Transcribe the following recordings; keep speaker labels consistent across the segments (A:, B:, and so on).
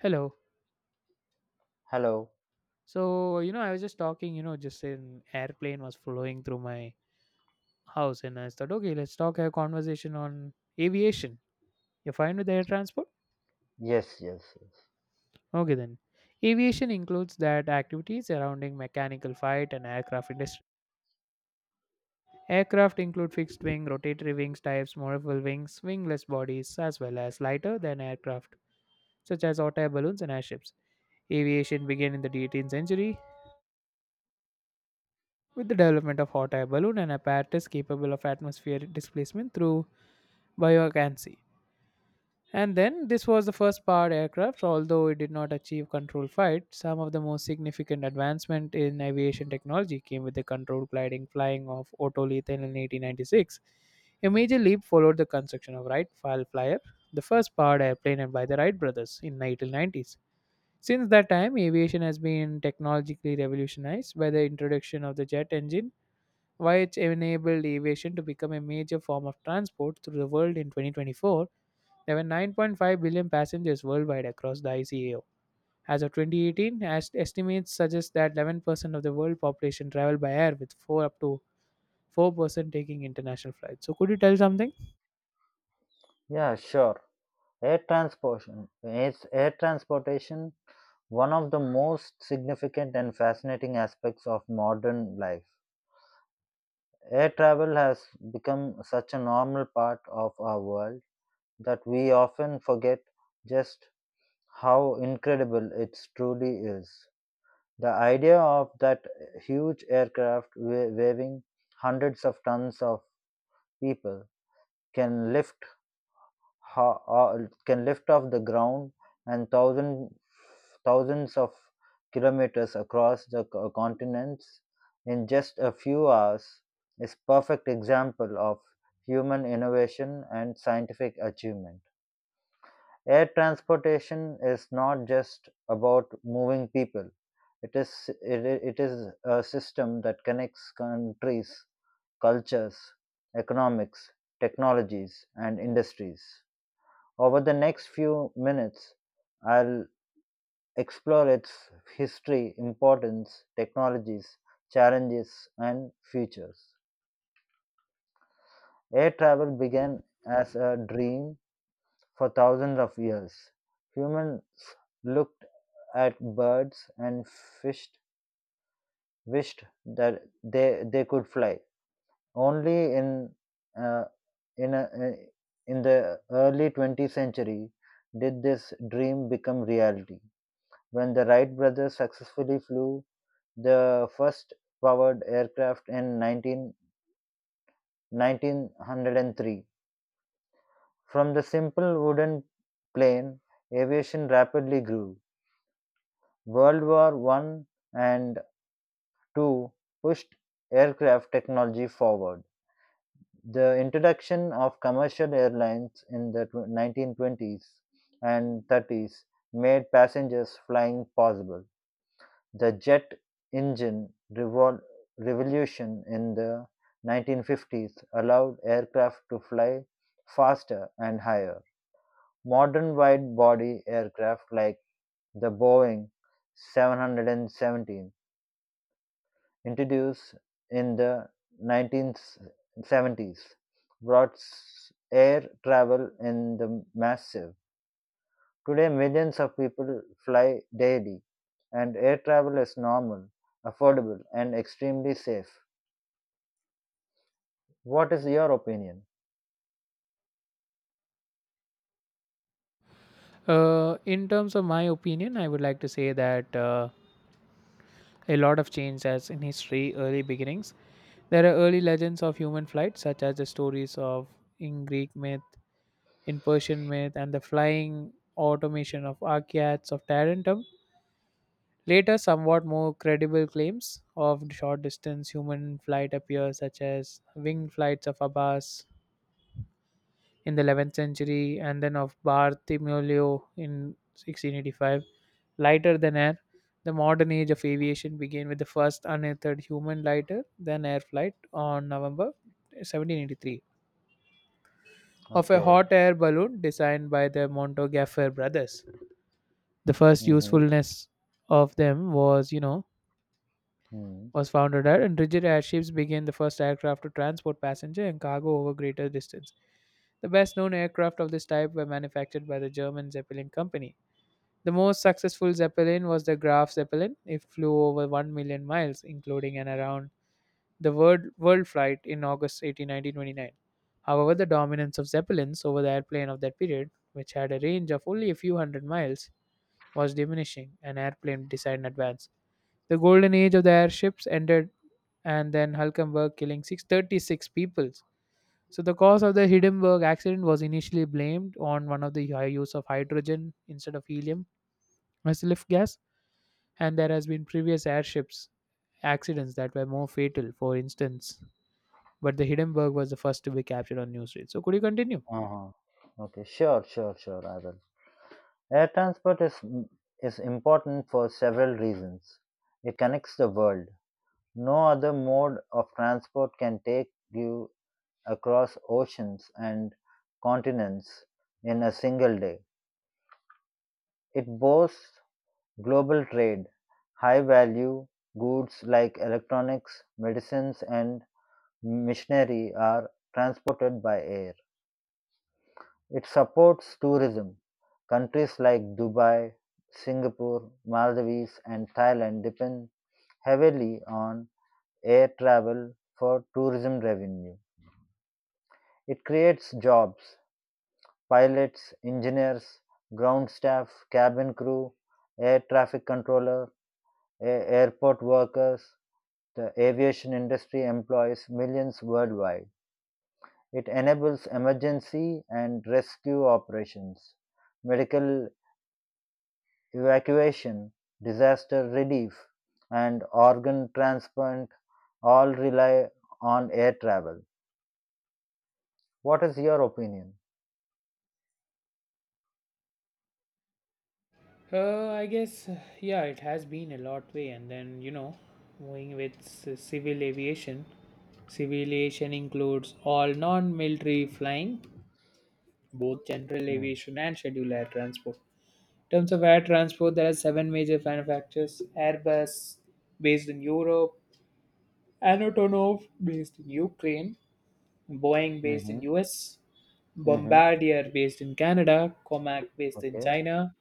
A: Hello.
B: Hello.
A: So, I was just talking, just an airplane was flowing through my house and I thought, okay, let's talk a conversation on aviation. You're fine with air transport?
B: Yes, yes, yes.
A: Okay then. Aviation includes that activities surrounding mechanical fight and aircraft industry. Aircraft include fixed wing, rotatory wings types, movable wings, wingless bodies, as well as lighter than aircraft, such as hot air balloons and airships. Aviation began in the 18th century with the development of hot air balloon, an apparatus capable of atmospheric displacement through buoyancy. And then this was the first powered aircraft, although it did not achieve controlled flight. Some of the most significant advancement in aviation technology came with the controlled gliding flying of Otto Lethal in 1896. A major leap followed the construction of Wright Flyer, the first powered airplane by the Wright brothers in the 1890s. Since that time, aviation has been technologically revolutionized by the introduction of the jet engine why it's enabled aviation to become a major form of transport through the world in 2024. There were 9.5 billion passengers worldwide across the ICAO. As of 2018, as estimates suggest that 11% of the world population travel by air, with 4 up to 4% taking international flights. So, could you tell something?
B: Yeah, sure. Air transportation one of the most significant and fascinating aspects of modern life. Air travel has become such a normal part of our world that we often forget just how incredible it truly is. The idea of that huge aircraft waving hundreds of tons of people can lift can lift off the ground and thousands of kilometers across the continents in just a few hours is perfect example of human innovation and scientific achievement. Air transportation is not just about moving people. It is a system that connects countries, cultures, economics, technologies, and industries. Over the next few minutes, I'll explore its history, importance, technologies, challenges, and futures. Air travel began as a dream for thousands of years. Humans looked at birds and fished, wished that they could fly. Only in, uh, in, a, uh, in the early 20th century did this dream become reality. When the Wright brothers successfully flew the first powered aircraft in 1903, from the simple wooden plane, aviation rapidly grew. World War I and II pushed aircraft technology forward. The introduction of commercial airlines in the 1920s and 30s made passengers flying possible. The jet engine revolution in the 1950s allowed aircraft to fly faster and higher. Modern wide body aircraft like the Boeing 717, introduced in the 1970s, brought air travel in the massive. Today, millions of people fly daily, and air travel is normal, affordable, and extremely safe. What is your opinion?
A: In terms of my opinion, I would like to say that a lot of change as in history, early beginnings. There are early legends of human flight, such as the stories of in Greek myth in Persian myth and the flying automation of Archaeads of Tarentum. Later, somewhat more credible claims of short distance human flight appear, such as winged flights of Abbas in the 11th century and then of Bartholomew in 1685. Lighter than air, the modern age of aviation began with the first unearthed human lighter than air flight on November 1783 of a
B: Okay.
A: hot air balloon designed by the Montgolfier brothers. The first
B: Mm-hmm.
A: usefulness of them was,
B: Hmm.
A: was founded radar, and rigid airships became the first aircraft to transport passenger and cargo over greater distance. The best known aircraft of this type were manufactured by the German Zeppelin company. The most successful Zeppelin was the Graf Zeppelin. It flew over 1 million miles, including and around the world, world flight in August 18, 1929. However, the dominance of Zeppelins over the airplane of that period, which had a range of only a few hundred miles, was diminishing, an airplane decided in advance. The golden age of the airships ended, and then Hulkenberg killing 636 people. So the cause of the Hindenburg accident was initially blamed on one of the high use of hydrogen instead of helium as lift gas, and there has been previous airships accidents that were more fatal, for instance. But the Hindenburg was the first to be captured on news. So could you continue?
B: Uh-huh. Okay. Sure. Sure. Sure. I will. Air transport is is important for several reasons. It connects the world. No other mode of transport can take you across oceans and continents in a single day. It boasts global trade, high value goods like electronics, medicines, and machinery are transported by air. It supports tourism. Countries like Dubai, Singapore, Maldives, and Thailand depend heavily on air travel for tourism revenue. It creates jobs, pilots, engineers, ground staff, cabin crew, air traffic controller, airport workers. The aviation industry employs millions worldwide. It enables emergency and rescue operations, medical evacuation, disaster relief, and organ transplant all rely on air travel. What is your opinion?
A: I guess, yeah, it has been a lot way, and then moving with civil aviation. Civil aviation includes all non-military flying, both general
B: Mm.
A: aviation and scheduled air transport. In terms of air transport, there are seven major manufacturers: Airbus, based in Europe, Antonov, based in Ukraine, Boeing based in
B: Mm-hmm.
A: US,
B: Mm-hmm.
A: Bombardier based in Canada, Comac based in
B: Okay.
A: China,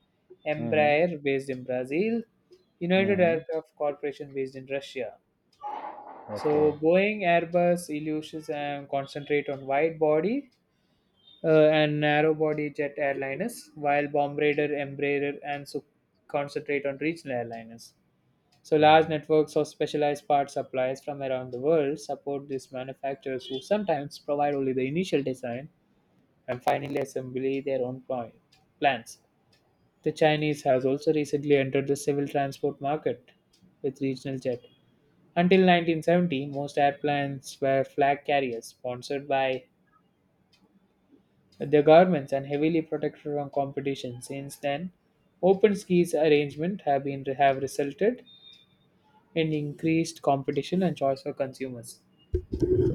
B: Mm-hmm.
A: Embraer based in Brazil, United
B: Mm-hmm.
A: Aircraft Corporation based in Russia.
B: Okay.
A: So Boeing, Airbus, Ilyushin concentrate on wide body and narrow body jet airliners, while Bombardier, Embraer, and Su concentrate on regional airliners. So large
B: Mm-hmm.
A: networks of specialized part suppliers from around the world support these manufacturers who sometimes provide only the initial design and finally assembly their own plans. The Chinese has also recently entered the civil transport market with regional jet. Until 1970, most airplanes were flag carriers sponsored by the governments and heavily protected from competition. Since then, open skies arrangement have resulted in increased competition and choice for consumers.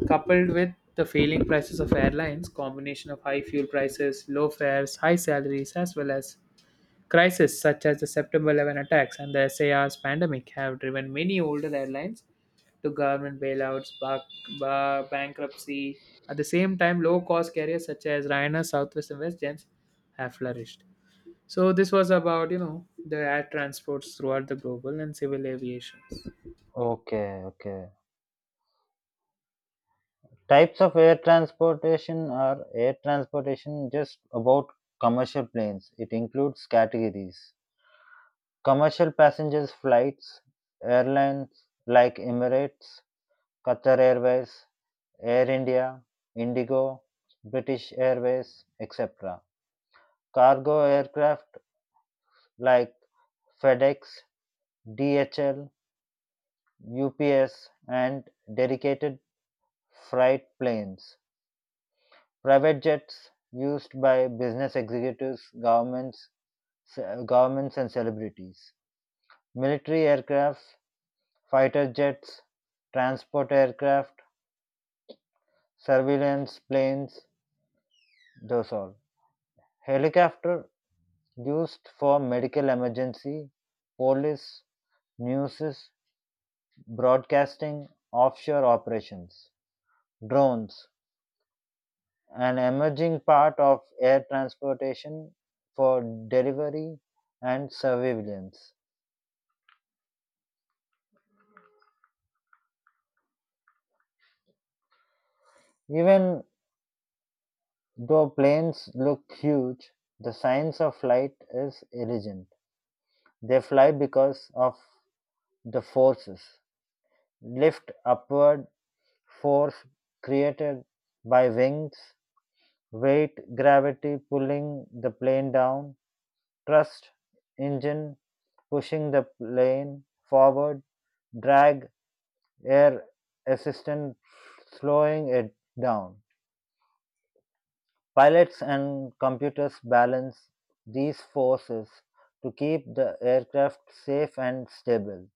A: Coupled with the failing prices of airlines, combination of high fuel prices, low fares, high salaries, as well as crises such as the September 11 attacks and the SARS pandemic have driven many older airlines to government bailouts, bankruptcy. At the same time, low cost carriers such as Ryanair, Southwest, and WestJet have flourished. So this was about the air transports throughout the global and civil aviation.
B: Okay. Okay. Types of air transportation are air transportation, just about commercial planes. It includes categories: commercial passengers flights, airlines like Emirates, Qatar Airways, Air India, Indigo, British Airways, etc. Cargo aircraft like FedEx, DHL, UPS, and dedicated freight planes. Private jets used by business executives, governments, and celebrities. Military aircrafts, fighter jets, transport aircraft, surveillance planes, those all. Helicopter used for medical emergency, police, news, broadcasting, offshore operations. Drones, an emerging part of air transportation for delivery and surveillance. Even though planes look huge, the science of flight is irrelevant. They fly because of the forces. Lift upward force created by wings, weight, gravity pulling the plane down, thrust, engine pushing the plane forward, drag, air assistant slowing it down. Pilots and computers balance these forces to keep the aircraft safe and stable.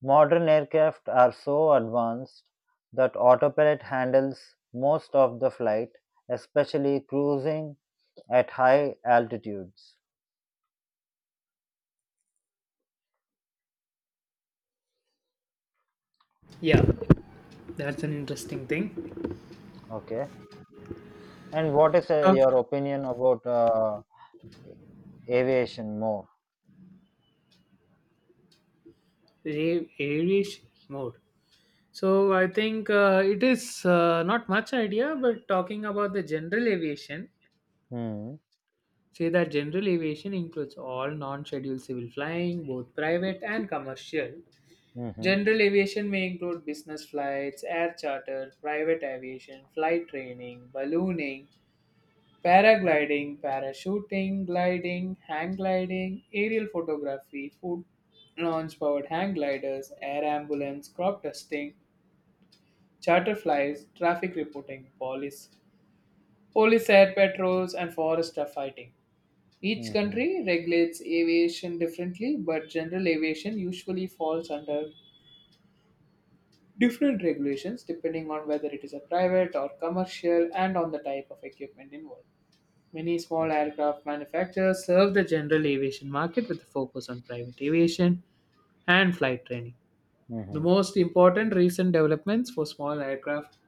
B: Modern aircraft are so advanced that autopilot handles most of the flight, especially cruising at high altitudes.
A: Yeah, that's an interesting thing.
B: Okay. And what is
A: Talk
B: your opinion about aviation more?
A: aviation mode. So I think it is not much idea, but talking about the general aviation,
B: Mm-hmm.
A: say that general aviation includes all non scheduled civil flying, both private and commercial.
B: Mm-hmm.
A: General aviation may include business flights, air charter, private aviation, flight training, ballooning, paragliding, parachuting, gliding, hang gliding, aerial photography, food launch powered hang gliders, air ambulance, crop dusting, charter flights, traffic reporting, police, police air patrols, and forest fighting. Each
B: Mm-hmm.
A: country regulates aviation differently, but general aviation usually falls under different regulations depending on whether it is a private or commercial and on the type of equipment involved. Many small
B: Okay.
A: aircraft manufacturers serve the general aviation market with a focus on private aviation and flight training. The
B: Mm-hmm.
A: most important recent developments for small aircraft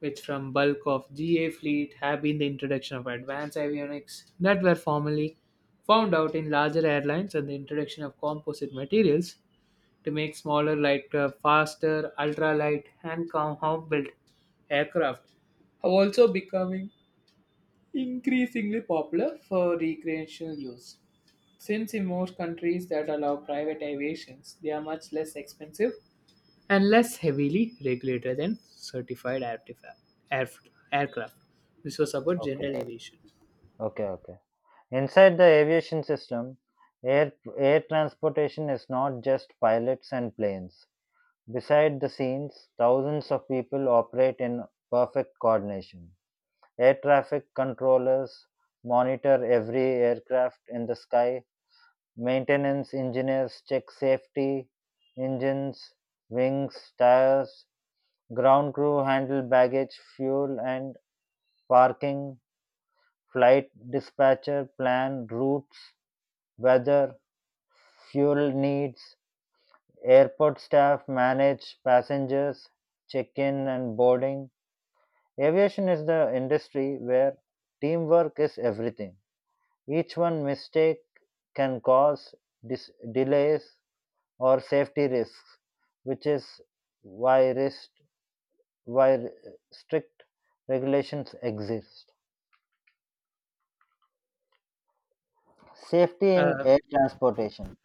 A: which from bulk of GA fleet have been the introduction of advanced avionics that were formerly found out in larger airlines and the introduction of composite materials to make smaller lightcraft faster, ultralight and compound-built aircraft have also becoming increasingly popular for recreational use. Since in most countries that allow private aviations, they are much less expensive and less heavily regulated than certified airf- aircraft. This was about general
B: Okay.
A: aviation.
B: Okay. Okay. Inside the aviation system, air, air transportation is not just pilots and planes. Beside the scenes, thousands of people operate in perfect coordination. Air traffic controllers monitor every aircraft in the sky, maintenance engineers check safety, engines, wings, tires, ground crew handle baggage, fuel, and parking, flight dispatcher plan routes, weather, fuel needs, airport staff manage passengers, check in and boarding. Aviation is the industry where teamwork is everything. Each one mistake can cause delays or safety risks, which is why, rest- why strict regulations exist. Safety in
A: Uh,
B: air transportation.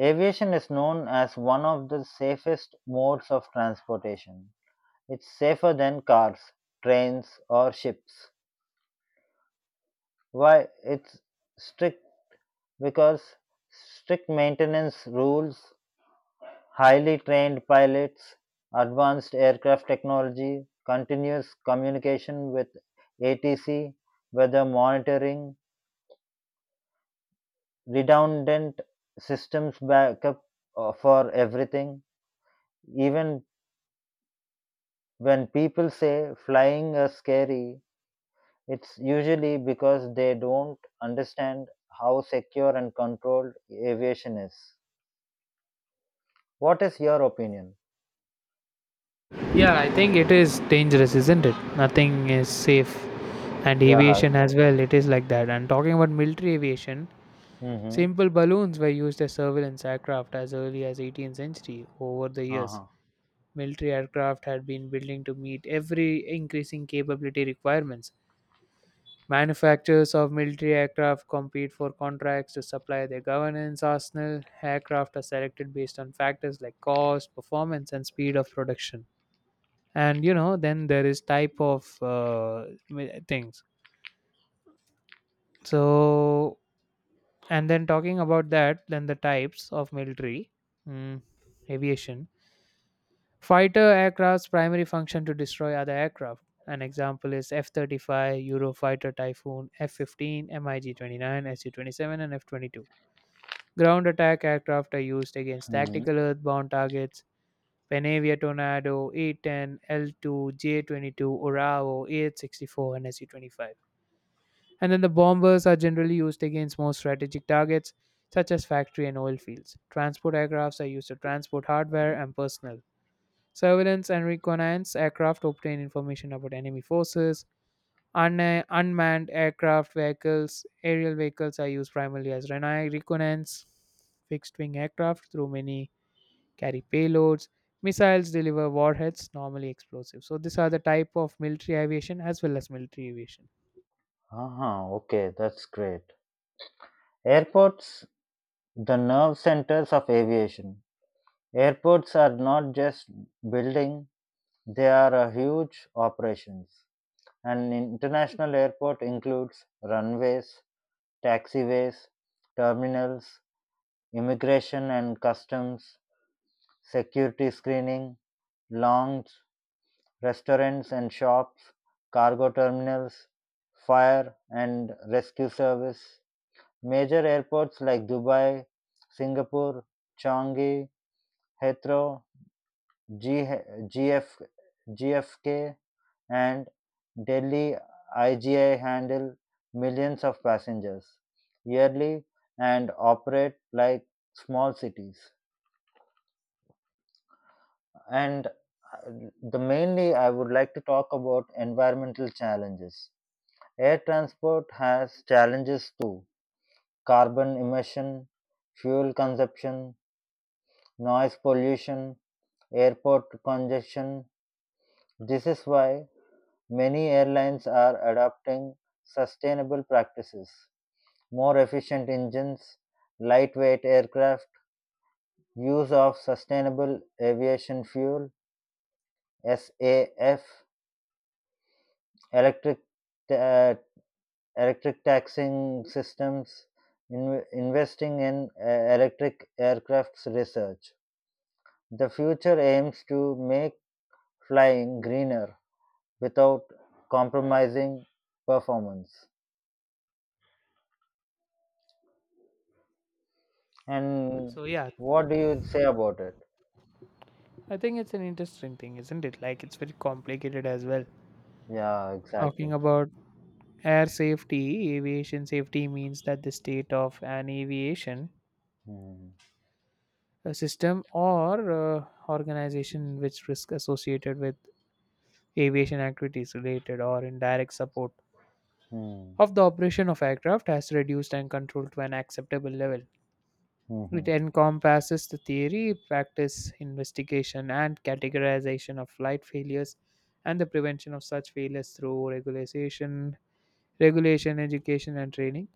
B: Aviation is known as one of the safest modes of transportation. It's safer than cars, trains, or ships. Why? It's strict Because strict maintenance rules, highly trained pilots, advanced aircraft technology, continuous communication with ATC, weather monitoring, redundant systems backup for everything. Even when people say flying is scary, it's usually because they don't understand how secure and controlled aviation is. What is your opinion?
A: Yeah, I think it is dangerous, isn't it? Nothing is safe. And
B: Yeah,
A: aviation
B: exactly.
A: as well, it is like that. And talking about military aviation,
B: Mm-hmm.
A: simple balloons were used as surveillance aircraft as early as 18th century. Over the years,
B: Uh-huh.
A: military aircraft had been building to meet every increasing capability requirements. Manufacturers of military aircraft compete for contracts to supply their governance arsenal. Aircraft are selected based on factors like cost, performance, and speed of production. And then there is type of things. So, and then talking about that, then the types of military mm, aviation. Fighter aircraft's primary function to destroy other aircraft. An example is F 35, Eurofighter Typhoon, F 15, MiG 29, Su 27, and F 22. Ground attack aircraft are used against
B: Hmm.
A: tactical earthbound targets Panavia Tornado, A-10, L-2, J-22, Orao, AH-64, and SU-25. And then the bombers are generally used against more strategic targets such as factory and oil fields. Transport aircrafts are used to transport hardware and personnel. Surveillance and reconnaissance aircraft obtain information about enemy forces, Un- unmanned aircraft vehicles, aerial vehicles are used primarily as reconnaissance, fixed wing aircraft through many carry payloads. Missiles deliver warheads, normally explosives. So these are the type of military aviation as well as military aviation.
B: Uh-huh. Okay, that's great. Airports, the nerve centers of aviation. Airports are not just building, they are a huge operations. An international airport includes runways, taxiways, terminals, immigration and customs, security screening, lawns, restaurants and shops, cargo terminals, fire and rescue service. Major airports like Dubai, Singapore, Changi, Heathrow, G- GF, GFK, and Delhi IGA handle millions of passengers yearly and operate like small cities. And the mainly I would like to talk about environmental challenges. Air transport has challenges too: carbon emission, fuel consumption, noise pollution, airport congestion. This is why many airlines are adopting sustainable practices: more efficient engines, lightweight aircraft, use of sustainable aviation fuel, SAF, electric uh, electric taxing systems, investing in electric aircrafts research. The future aims to make flying greener without compromising performance. And
A: So yeah,
B: what do you say about it?
A: I think it's an interesting thing, isn't it? Like it's very complicated as well.
B: Yeah,
A: Talking
B: exactly.
A: about air safety, aviation safety means that the state of an aviation
B: Hmm.
A: a system or organization in which risk associated with aviation activities related or in direct support
B: Hmm.
A: of the operation of aircraft has reduced and controlled to an acceptable level.
B: Hmm.
A: It
B: Hmm.
A: encompasses the theory, practice, investigation, and categorization of flight failures and the prevention of such failures through regulation, education, and training.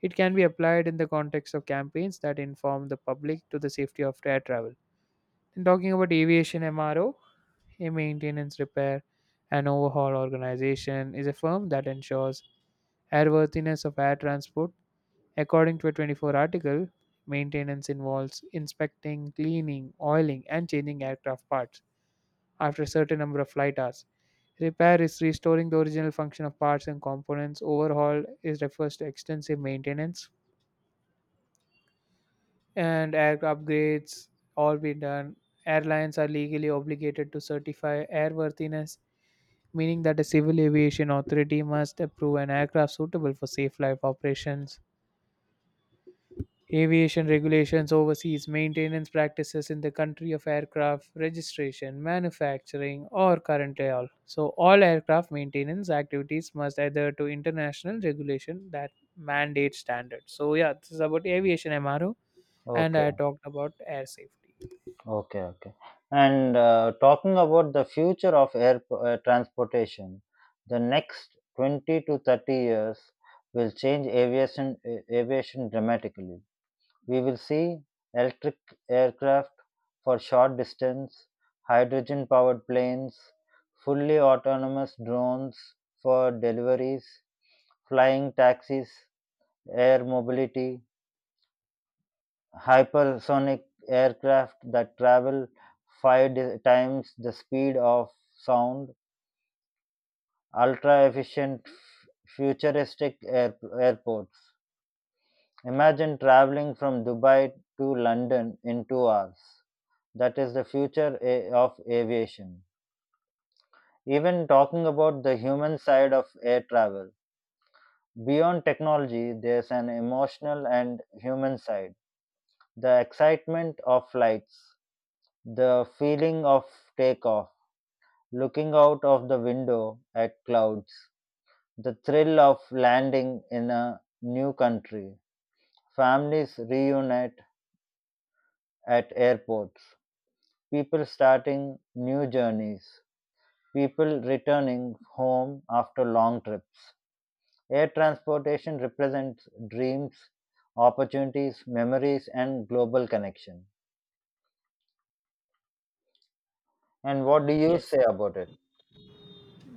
A: It can be applied in the context of campaigns that inform the public to the safety of air travel. And talking about aviation MRO, a maintenance, repair, and overhaul organization is a firm that ensures airworthiness of air transport. According to a 24 article, maintenance involves inspecting, cleaning, oiling, and changing aircraft parts after a certain number of flight hours. Repair is restoring the original function of parts and components. Overhaul is refers to extensive maintenance and aircraft upgrades all be done. Airlines are legally obligated to certify airworthiness meaning that a civil aviation authority must approve an aircraft suitable for safe life operations. Aviation regulations oversees maintenance practices in the country of aircraft registration, manufacturing, or current all. So all aircraft maintenance activities must adhere to international regulation that mandate standards. So yeah, this is about aviation MRO, and I
B: Okay.
A: talked about air safety.
B: Okay, okay. And talking about the future of air transportation, the next 20 to 30 years will change aviation dramatically. We will see electric aircraft for short distance, hydrogen powered planes, fully autonomous drones for deliveries, flying taxis, air mobility, hypersonic aircraft that travel five times the speed of sound, ultra efficient, futuristic airports. Imagine traveling from Dubai to London in 2 hours. That is the future of aviation. Even talking about the human side of air travel, beyond technology, there's an emotional and human side. The excitement of flights, the feeling of takeoff looking out of the window at clouds, the thrill of landing in a new country, families reunite at airports, people starting new journeys, people returning home after long trips. Air transportation represents dreams, opportunities, memories, and global connection. And what do you
A: Yes.
B: say about it?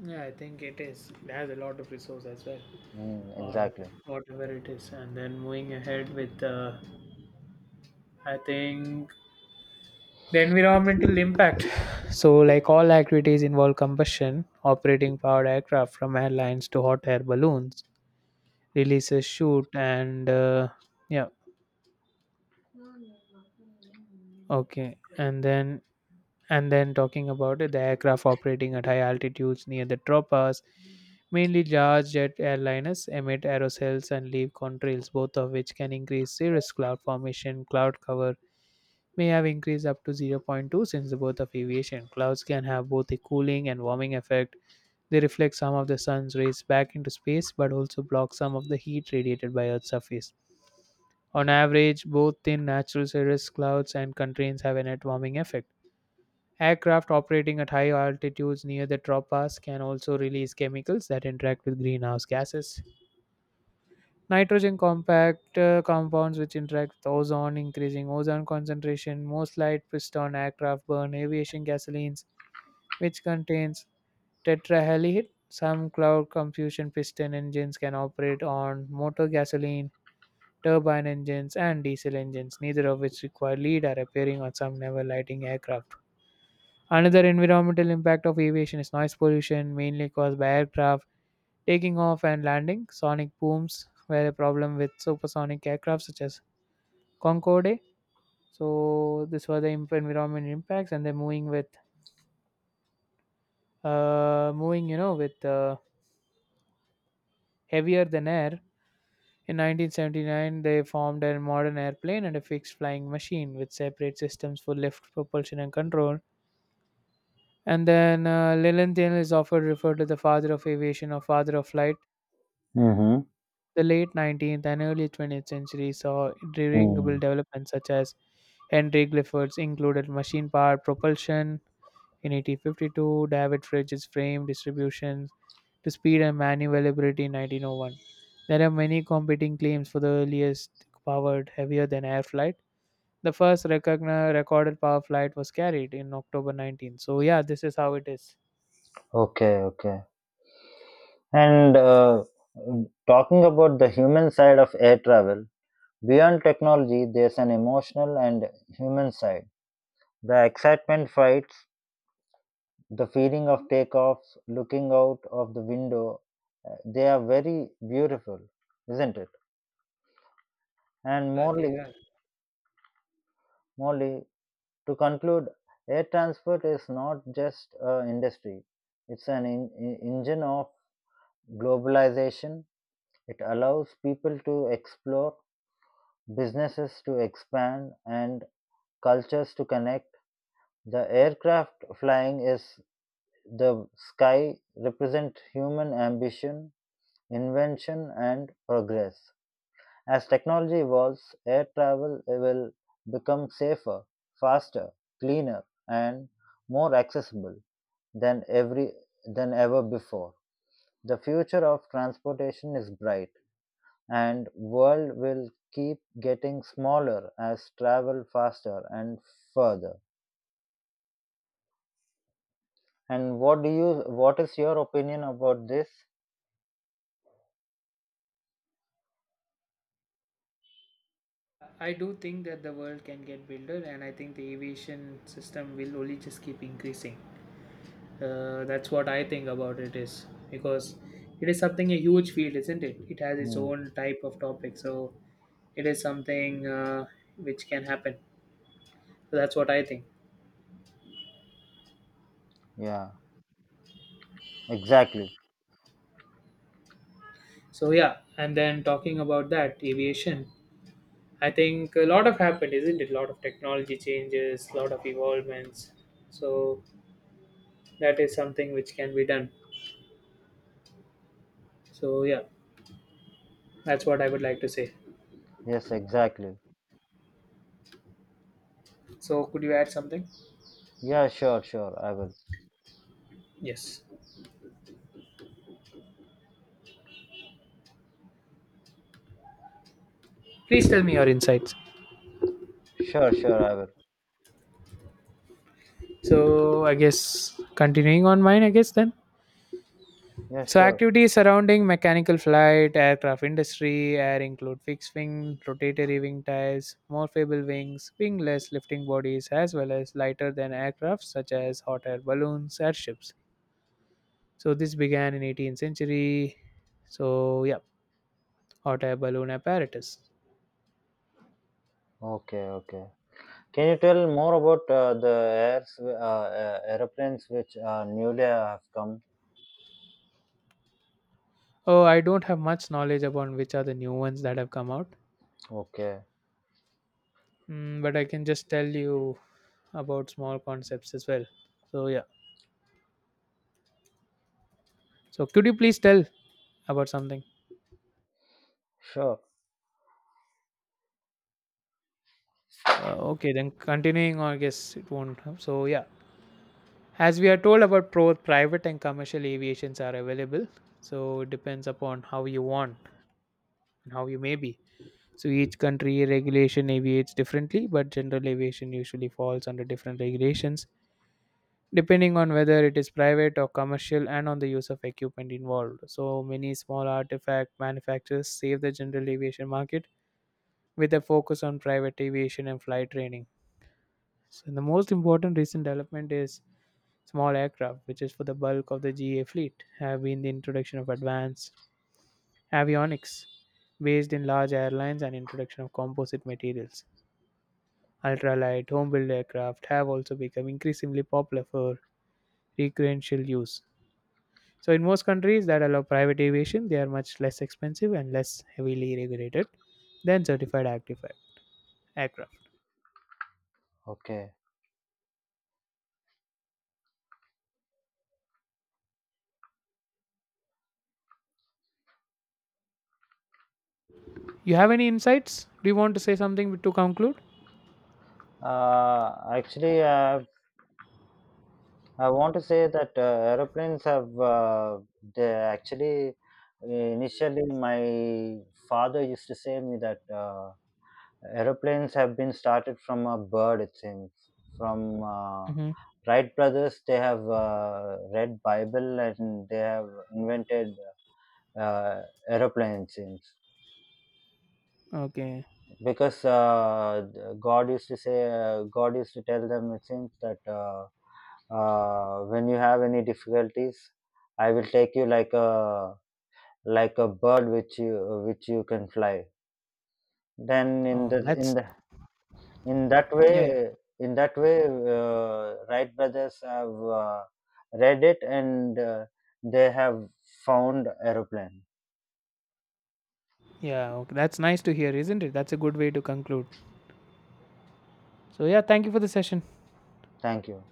A: Yeah, I think it is. It has a lot of resource as well.
B: Mm,
A: On
B: exactly.
A: whatever it is and then moving ahead with I think the environmental impact so like all activities involve combustion operating powered aircraft from airlines to hot air balloons releases shoot and yeah, okay, and then talking about it, the aircraft operating at high altitudes near the tropas, mainly large jet airliners emit aerosols and leave contrails, both of which can increase serious cloud formation. Cloud cover may have increased up to zero point 0.2 since the birth of aviation. Clouds can have both a cooling and warming effect. They reflect some of the sun's rays back into space but also block some of the heat radiated by Earth's surface. On average, both thin natural cirrus clouds and contains have a net warming effect. Aircraft operating at high altitudes near the tropas can also release chemicals that interact with greenhouse gases. Nitrogen compact compounds which interact with ozone, increasing ozone concentration. Most light piston aircraft burn aviation gasolines, which contains tetrahalide. Some cloud combustion piston engines can operate on motor gasoline, turbine engines, and diesel engines, neither of which require lead are appearing on some naval lighting aircraft. Another environmental impact of aviation is noise pollution, mainly caused by aircraft taking off and landing. Sonic booms were a problem with supersonic aircraft such as Concorde. So this was the environment impacts, and they're moving with moving you know with heavier than air. In 1979, they formed a modern airplane and a fixed flying machine with separate systems for lift, propulsion, and control. And then Lilienthal is often referred to the father of aviation or father of flight.
B: Mm-hmm.
A: The late 19th and early 20th century saw remarkable
B: Mm.
A: developments such as Henry Clifford's included machine powered propulsion. In 1852, David Fridge's frame distributions to speed and maneuverability in 1901. There are many competing claims for the earliest powered heavier than air flight. The first recorded power flight was carried in October 19. So, yeah, this is how it is.
B: Okay, okay. And talking about the human side of air travel, beyond technology, there's an emotional and human side. The excitement fights, the feeling of takeoffs, looking out of the window, they are very beautiful, isn't it? And
A: Yeah, they are.
B: morely, to conclude, air transport is not just an industry, it's an engine of globalization. It allows people to explore businesses to expand, and cultures to connect. The aircraft flying is the sky represent human ambition, invention, and progress. As technology evolves, air travel will become safer, faster, cleaner, and more accessible than ever before. The future of transportation is bright and world will keep getting smaller as travel faster and further. And what is your opinion about this?
A: I do think that the world can get builder, and I think the aviation system will only just keep increasing. That's what I think about it is because it is something a huge field, isn't it? It has its
B: Hmm.
A: own type of topic. So it is something which can happen. So that's what I think.
B: Yeah, exactly.
A: So yeah, and then talking about that aviation, I think a lot of happened, isn't it? A lot of technology changes, a lot of evolvements. So that is something which can be done. So yeah, that's what I would like to say.
B: Yes, exactly.
A: So could you add something?
B: Yeah, sure, sure, I will.
A: Yes, please tell me your insights.
B: Sure, sure, I will.
A: So I guess, continuing on mine, I guess then.
B: Yeah,
A: So
B: sure.
A: activities surrounding mechanical flight, aircraft industry, air include fixed wing, rotatory wing types, morphable wings, wingless lifting bodies, as well as lighter than aircraft such as hot air balloons, airships. So this began in 18th century. So yeah, hot air balloon apparatus.
B: Okay. Okay. Can you tell more about the airs airplanes which newly have come?
A: Oh, I don't have much knowledge about which are the new ones that have come out,
B: Okay.
A: mm, but I can just tell you about small concepts as well. So yeah. So could you please tell about something?
B: Sure.
A: Okay, then continuing on, I guess it won't So yeah, as we are told about pro private and commercial aviations are available. So it depends upon how you want and how you may be. So each country regulation aviates differently, but general aviation usually falls under different regulations depending on whether it is private or commercial and on the use of equipment involved. So many small artifact manufacturers save the general aviation market with a focus on private aviation and flight training. So the most important recent development is small aircraft, which is for the bulk of the GA fleet, have been the introduction of advanced avionics based in large airlines and introduction of composite materials. Ultralight home-built aircraft have also become increasingly popular for recreational use. So in most countries that allow private aviation, they are much less expensive and less heavily regulated than certified aircraft.
B: Okay.
A: You have any insights? Do you want to say something to conclude?
B: Actually, I want to say that aeroplanes have they actually initially my father used to say me that aeroplanes have been started from a bird, it seems, from
A: Mm-hmm.
B: Wright brothers. They have read Bible and they have invented uh, aeroplane, it seems,
A: Okay.
B: because god used to say god used to tell them, it seems, that when you have any difficulties, I will take you like a, bird which you, can fly, then
A: Oh, that's
B: in that
A: yeah, yeah.
B: way in that way, Wright brothers have uh, read it and they have found aeroplane.
A: Yeah, okay, that's nice to hear, isn't it? That's a good way to conclude. So, yeah, thank you for the session.
B: Thank you.